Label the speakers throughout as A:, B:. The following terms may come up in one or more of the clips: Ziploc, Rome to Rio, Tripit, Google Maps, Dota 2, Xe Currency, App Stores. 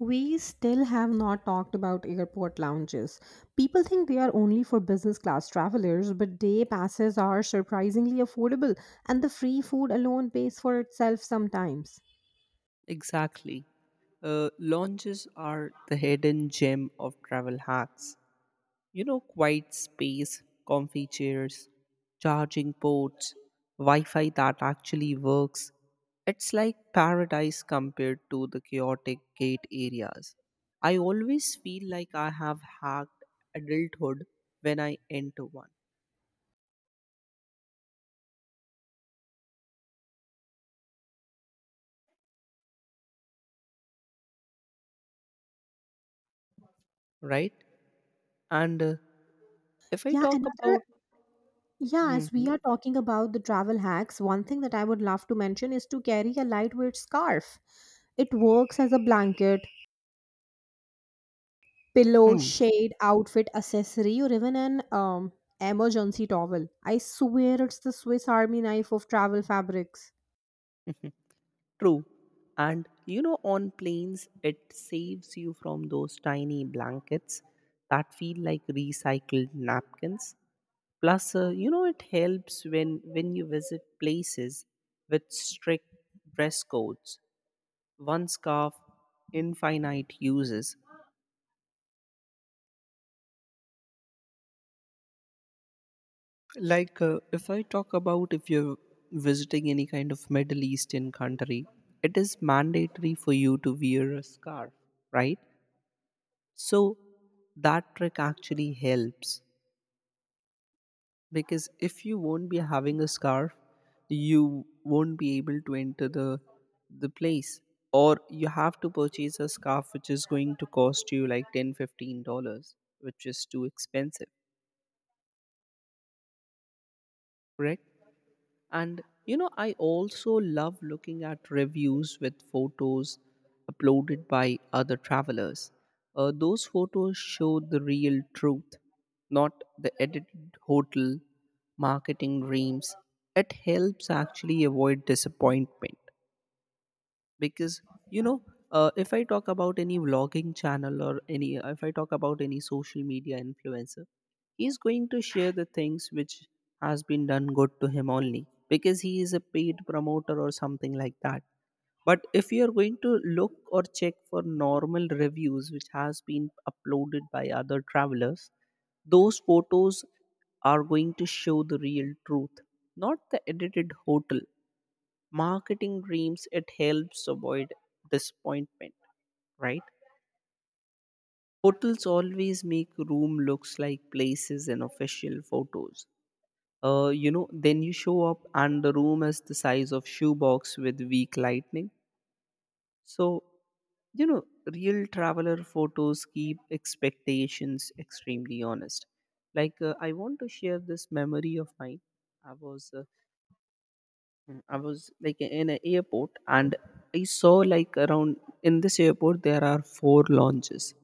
A: We still have not talked about airport lounges. People think they are only for business class travelers, but day passes are surprisingly affordable and the free food alone pays for itself sometimes.
B: Exactly. Lounges are the hidden gem of travel hacks. You know, quiet space, comfy chairs, charging ports, Wi Fi that actually works. It's like paradise compared to the chaotic gate areas. I always feel like I have hacked adulthood when I enter one, right? And if I
A: Yeah,
B: talk
A: another
B: about.
A: yeah, as we
B: Mhm.
A: are talking about the travel hacks, one thing that I would love to mention is to carry a lightweight scarf. It works as a blanket, pillow, shade, outfit, accessory, or even an emergency towel. I swear it's the Swiss Army knife of travel fabrics.
B: True. And you know, on planes, it saves you from those tiny blankets that feel like recycled napkins. Plus, you know, it helps when you visit places with strict dress codes. One scarf, infinite uses. Like, if I talk about if you're visiting any kind of Middle Eastern country, it is mandatory for you to wear a scarf, right? So that trick actually helps because if you won't be having a scarf, you won't be able to enter the place, or you have to purchase a scarf which is going to cost you like $10-15, which is too expensive, correct. And you know, I also love looking at reviews with photos uploaded by other travelers. Those photos show the real truth, not the edited hotel marketing dreams. It helps actually avoid disappointment because you know, if I talk about any vlogging channel or any if I talk about any social media influencer, he's going to share the things which has been done good to him only because he is a paid promoter or something like that. But if you are going to look or check for normal reviews which has been uploaded by other travelers, those photos are going to show the real truth, not the edited hotel marketing dreams. It helps avoid disappointment, right? Hotels always make room looks like places in official photos. You know, then you show up and the room is the size of shoebox with weak lightning. So you know, real traveler photos keep expectations extremely honest. Like, I want to share this memory of mine. i was uh, I was like in an airport, and I saw like around, in this airport there are four lounges.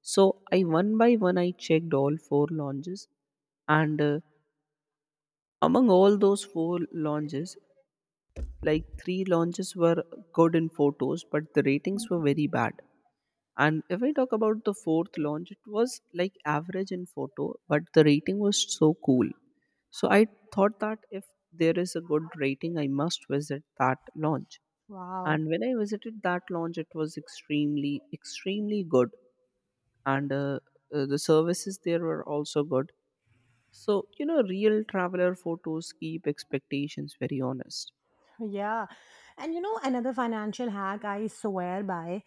B: So I, one by one, I checked all four lounges, and among all those four lounges, like three lounges were good in photos but the ratings were very bad. And if I talk about the fourth launch, it was like average in photo, but the rating was so cool. So I thought that if there is a good rating, I must visit that launch.
A: Wow.
B: And when I visited that lounge, it was extremely extremely good, and the services there were also good. So you know, real traveler photos keep expectations very honest.
A: Yeah. And you know, another financial hack I swear by,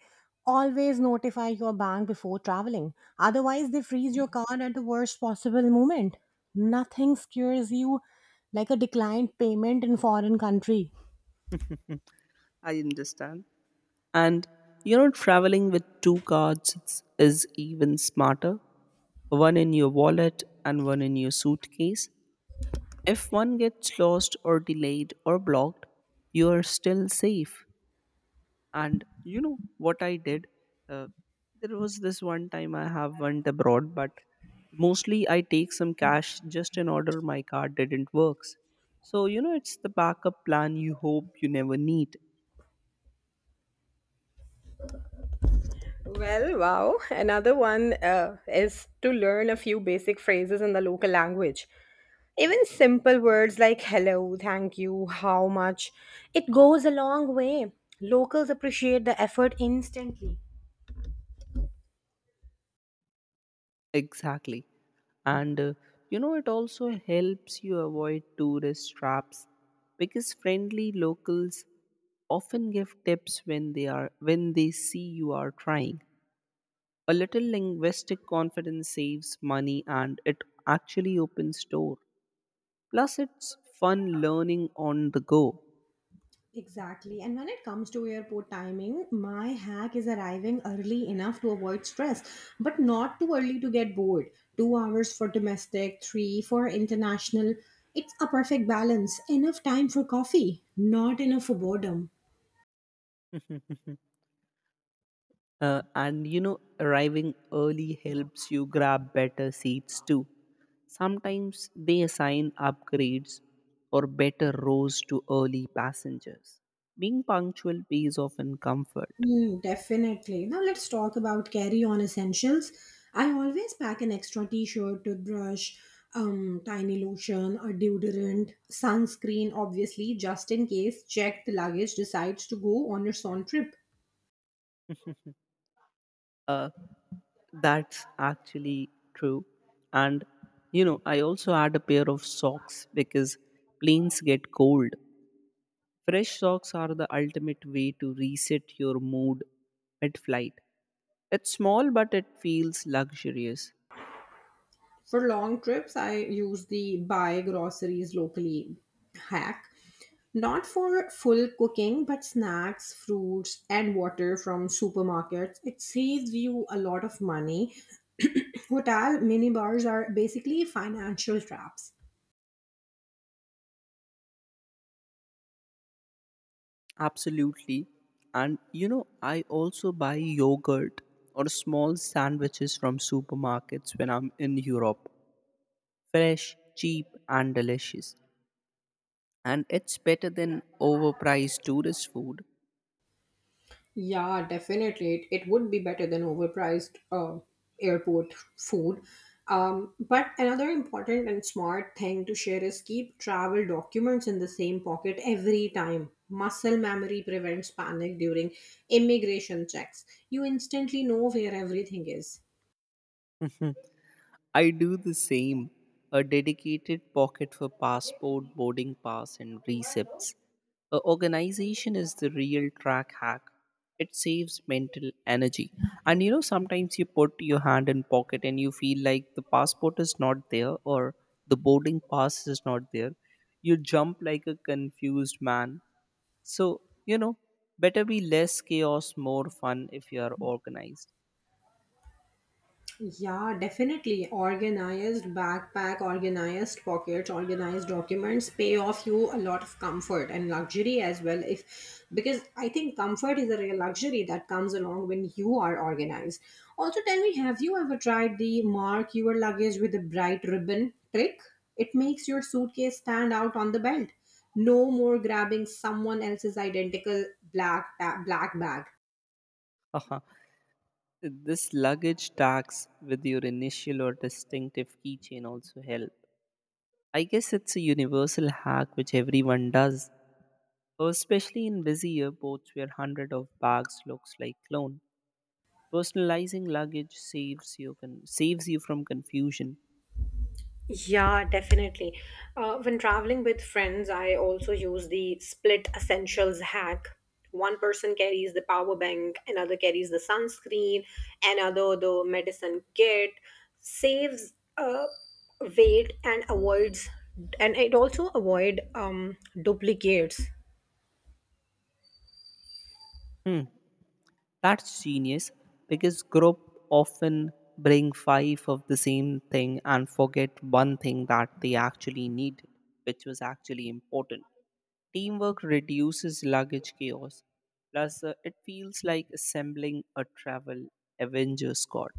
A: always notify your bank before traveling. Otherwise, they freeze your card at the worst possible moment. Nothing scares you like a declined payment in foreign country.
B: I understand. And you know, traveling with two cards is even smarter. One in your wallet and one in your suitcase. If one gets lost or delayed or blocked, you are still safe. And you know what I did, uh, there was this one time I have went abroad, but mostly I take some cash just in order my card didn't works. So you know, it's the backup plan you hope you never need.
A: Well, wow. Another one is to learn a few basic phrases in the local language. Even simple words like hello, thank you, how much, it goes a long way. Locals appreciate the effort instantly.
B: Exactly. and You know, it also helps you avoid tourist traps because friendly locals often give tips when they are when they see you are trying. A little linguistic confidence saves money, and it actually opens door. Plus, it's fun learning on the go.
A: Exactly. And when it comes to airport timing, my hack is arriving early enough to avoid stress, but not too early to get bored. 2 hours for domestic, three for international. It's a perfect balance. Enough time for coffee, not enough for boredom.
B: And you know, arriving early helps you grab better seats too. Sometimes they assign upgrades or better rows to early passengers. Being punctual pays off in comfort.
A: Mm, definitely. Now let's talk about carry-on essentials. I always pack an extra t-shirt, toothbrush, tiny lotion, a deodorant, sunscreen, obviously, just in case checked luggage decides to go on its own trip.
B: Uh, that's actually true. And you know, I also add a pair of socks because planes get cold. Fresh socks are the ultimate way to reset your mood mid flight. It's small, but it feels luxurious.
A: For long trips, I use the buy groceries locally hack. Not for full cooking, but snacks, fruits, and water from supermarkets. It saves you a lot of money. Hotel minibars are basically financial traps.
B: Absolutely. And you know, I also buy yogurt or small sandwiches from supermarkets when I'm in Europe. Fresh, cheap, and delicious. And it's better than overpriced tourist food.
A: Yeah, definitely. It would be better than overpriced airport food. But another important and smart thing to share is keep travel documents in the same pocket every time. Muscle memory prevents panic during immigration checks. You instantly know where everything is.
B: I do the same. A dedicated pocket for passport, boarding pass, and receipts. A organization is the real track hack. It saves mental energy. And you know, sometimes you put your hand in pocket and you feel like the passport is not there, or the boarding pass is not there. You jump like a confused man. So, you know, better be less chaos, more fun if you are organized.
A: Yeah, definitely. Organized backpack, organized pockets, organized documents pay off you a lot of comfort and luxury as well. If because I think comfort is a real luxury that comes along when you are organized. Also, tell me, have you ever tried the mark your luggage with a bright ribbon trick? It makes your suitcase stand out on the belt. No more grabbing someone else's identical black bag.
B: This luggage tags with your initial or distinctive keychain also help. I guess it's a universal hack which everyone does, especially in busy airports where hundred of bags looks like clone. Personalizing luggage saves you saves you from confusion.
A: Yeah, definitely. When traveling with friends, I also use the split essentials hack. One person carries the power bank, another carries the sunscreen, another the medicine kit, saves weight and avoids, and it also avoid duplicates.
B: Hmm, that's genius because group often bring five of the same thing and forget one thing that they actually need, which was actually important. Teamwork reduces luggage chaos. Plus, it feels like assembling a travel Avenger squad.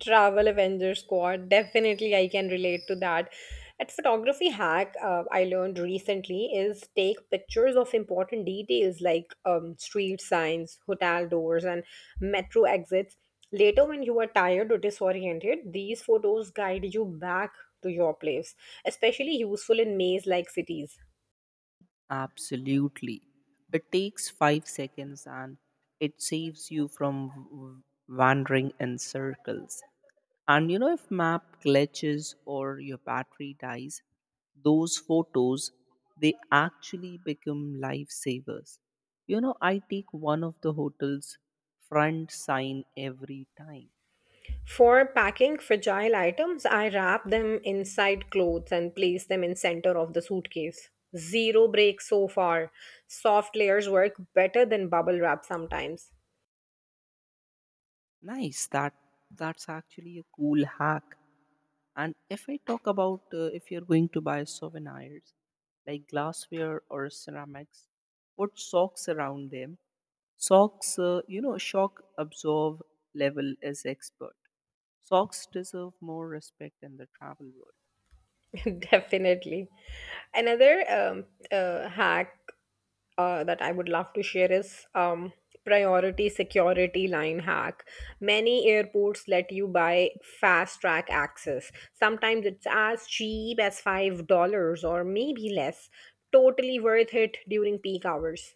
A: Travel Avenger Squad. Definitely, I can relate to that. A photography hack I learned recently is take pictures of important details like street signs, hotel doors, and metro exits. Later, when you are tired or disoriented, these photos guide you back to your place, especially useful in maze like cities.
B: Absolutely. It takes 5 seconds and it saves you from wandering in circles. And you know, if map glitches or your battery dies, those photos, they actually become lifesavers. You know, I take one of the hotel's front sign every time.
A: For packing fragile items, I wrap them inside clothes and place them in center of the suitcase. Zero breaks so far. Soft layers work better than bubble wrap sometimes.
B: Nice. That's actually a cool hack. And if I talk about, if you're going to buy souvenirs like glassware or ceramics, put socks around them. Socks, you know, shock absorb level is expert. Socks deserve more respect in the travel world.
A: Definitely. Another hack that I would love to share is priority security line hack. Many airports let you buy fast track access. Sometimes it's as cheap as $5 or maybe less, totally worth it during peak hours.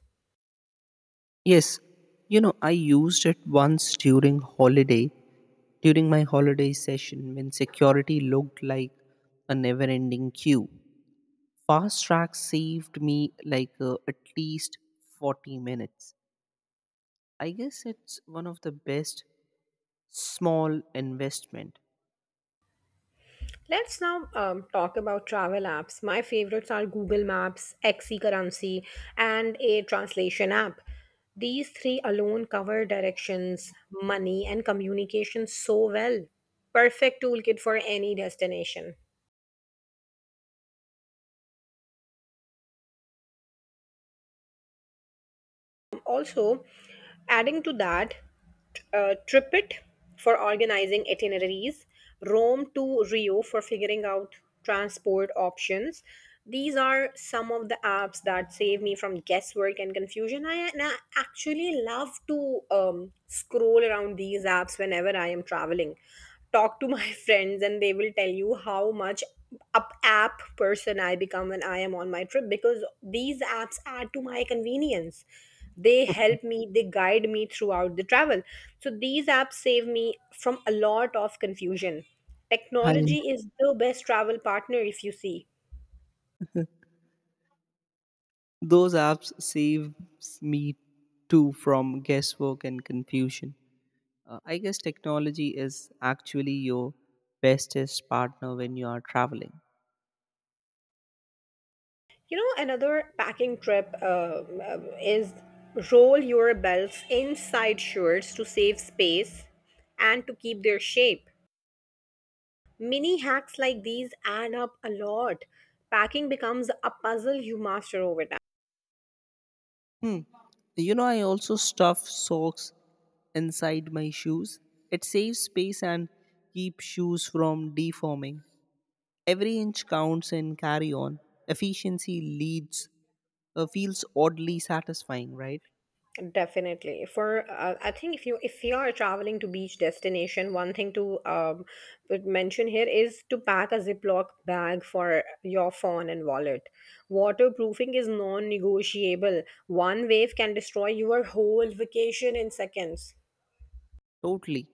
B: Yes, you know, I used it once during holiday, during my holiday session when security looked like a never ending queue. Fast track saved me like at least 40 minutes. I guess it's one of the best small investment.
A: Let's now talk about travel apps. My favorites are Google Maps, Xe Currency, and a translation app. These three alone cover directions, money, and communication so well. Perfect toolkit for any destination. Also, adding to that, Tripit for organizing itineraries, Rome to Rio for figuring out transport options. These are some of the apps that save me from guesswork and confusion. And I actually love to scroll around these apps whenever I am traveling, talk to my friends and they will tell you how much up app person I become when I am on my trip because these apps are to my convenience. They help me, they guide me throughout the travel. So these apps save me from a lot of confusion.
B: And
A: Technology is the best travel partner if you see.
B: those apps saves me too from guesswork and confusion. I guess technology is actually your bestest partner when you are traveling.
A: You know, another packing trip is roll your belts inside shirts to save space and to keep their shape. Mini hacks like these add up a lot. Packing becomes a puzzle you master over
B: You know, I also stuff socks inside my shoes. It saves space and keeps shoes from deforming. Every inch counts in carry on. Efficiency leads, feels oddly satisfying, right?
A: time. Definitely. For I think if you are traveling to beach destination, one thing to would mention here is to pack a Ziploc bag for your phone and wallet. Waterproofing is non-negotiable. One wave can destroy your whole vacation in seconds.
B: Totally.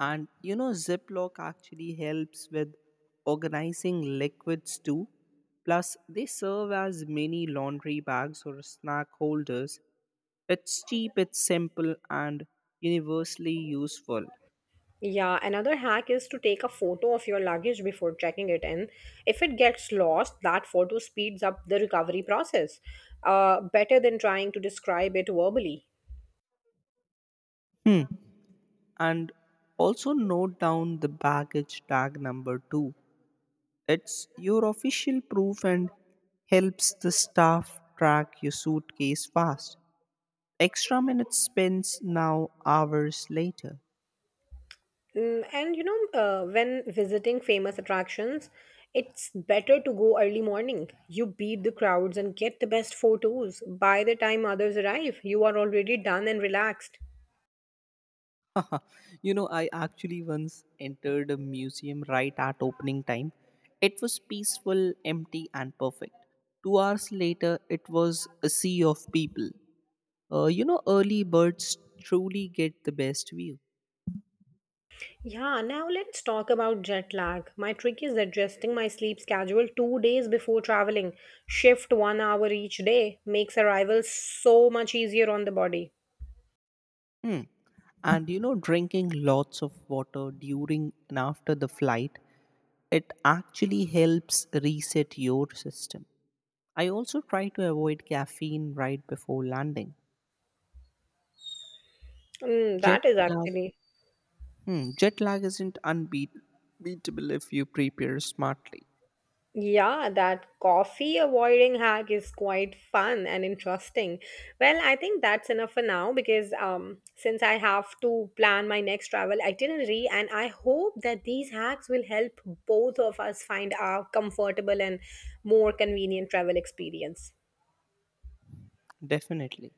B: And you know, Ziploc actually helps with organizing liquids too. Plus, they serve as mini laundry bags or snack holders. It's cheap, it's simple, and universally useful.
A: Yeah, another hack is to take a photo of your luggage before checking it in. If it gets lost, that photo speeds up the recovery process, better than trying to describe it verbally.
B: Hmm. And also note down the baggage tag number too. It's your official proof and helps the staff track your suitcase fast. Extra minutes spends now hours later.
A: Mm, and you know, when visiting famous attractions, it's better to go early morning. You beat the crowds and get the best photos. By the time others arrive, you are already done and relaxed.
B: You know, I actually once entered a museum right at opening time. It was peaceful, empty, and perfect. 2 hours later, it was a sea of people. You know, early birds truly get the best view.
A: Yeah, now let's talk about jet lag. My trick is adjusting my sleep schedule 2 days before traveling. Shift one hour each day makes arrival so much easier on the body.
B: Hmm. And you know, drinking lots of water during and after the flight, it actually helps reset your system. I also try to avoid caffeine right before landing.
A: Mm,
B: Jet
A: that is
B: lag,
A: actually
B: hmm, jet lag isn't unbeatable if you prepare smartly.
A: Yeah, that coffee avoiding hack is quite fun and interesting. Well, I think that's enough for now because since I have to plan my next travel itinerary, and I hope that these hacks will help both of us find our comfortable and more convenient travel experience.
B: Definitely.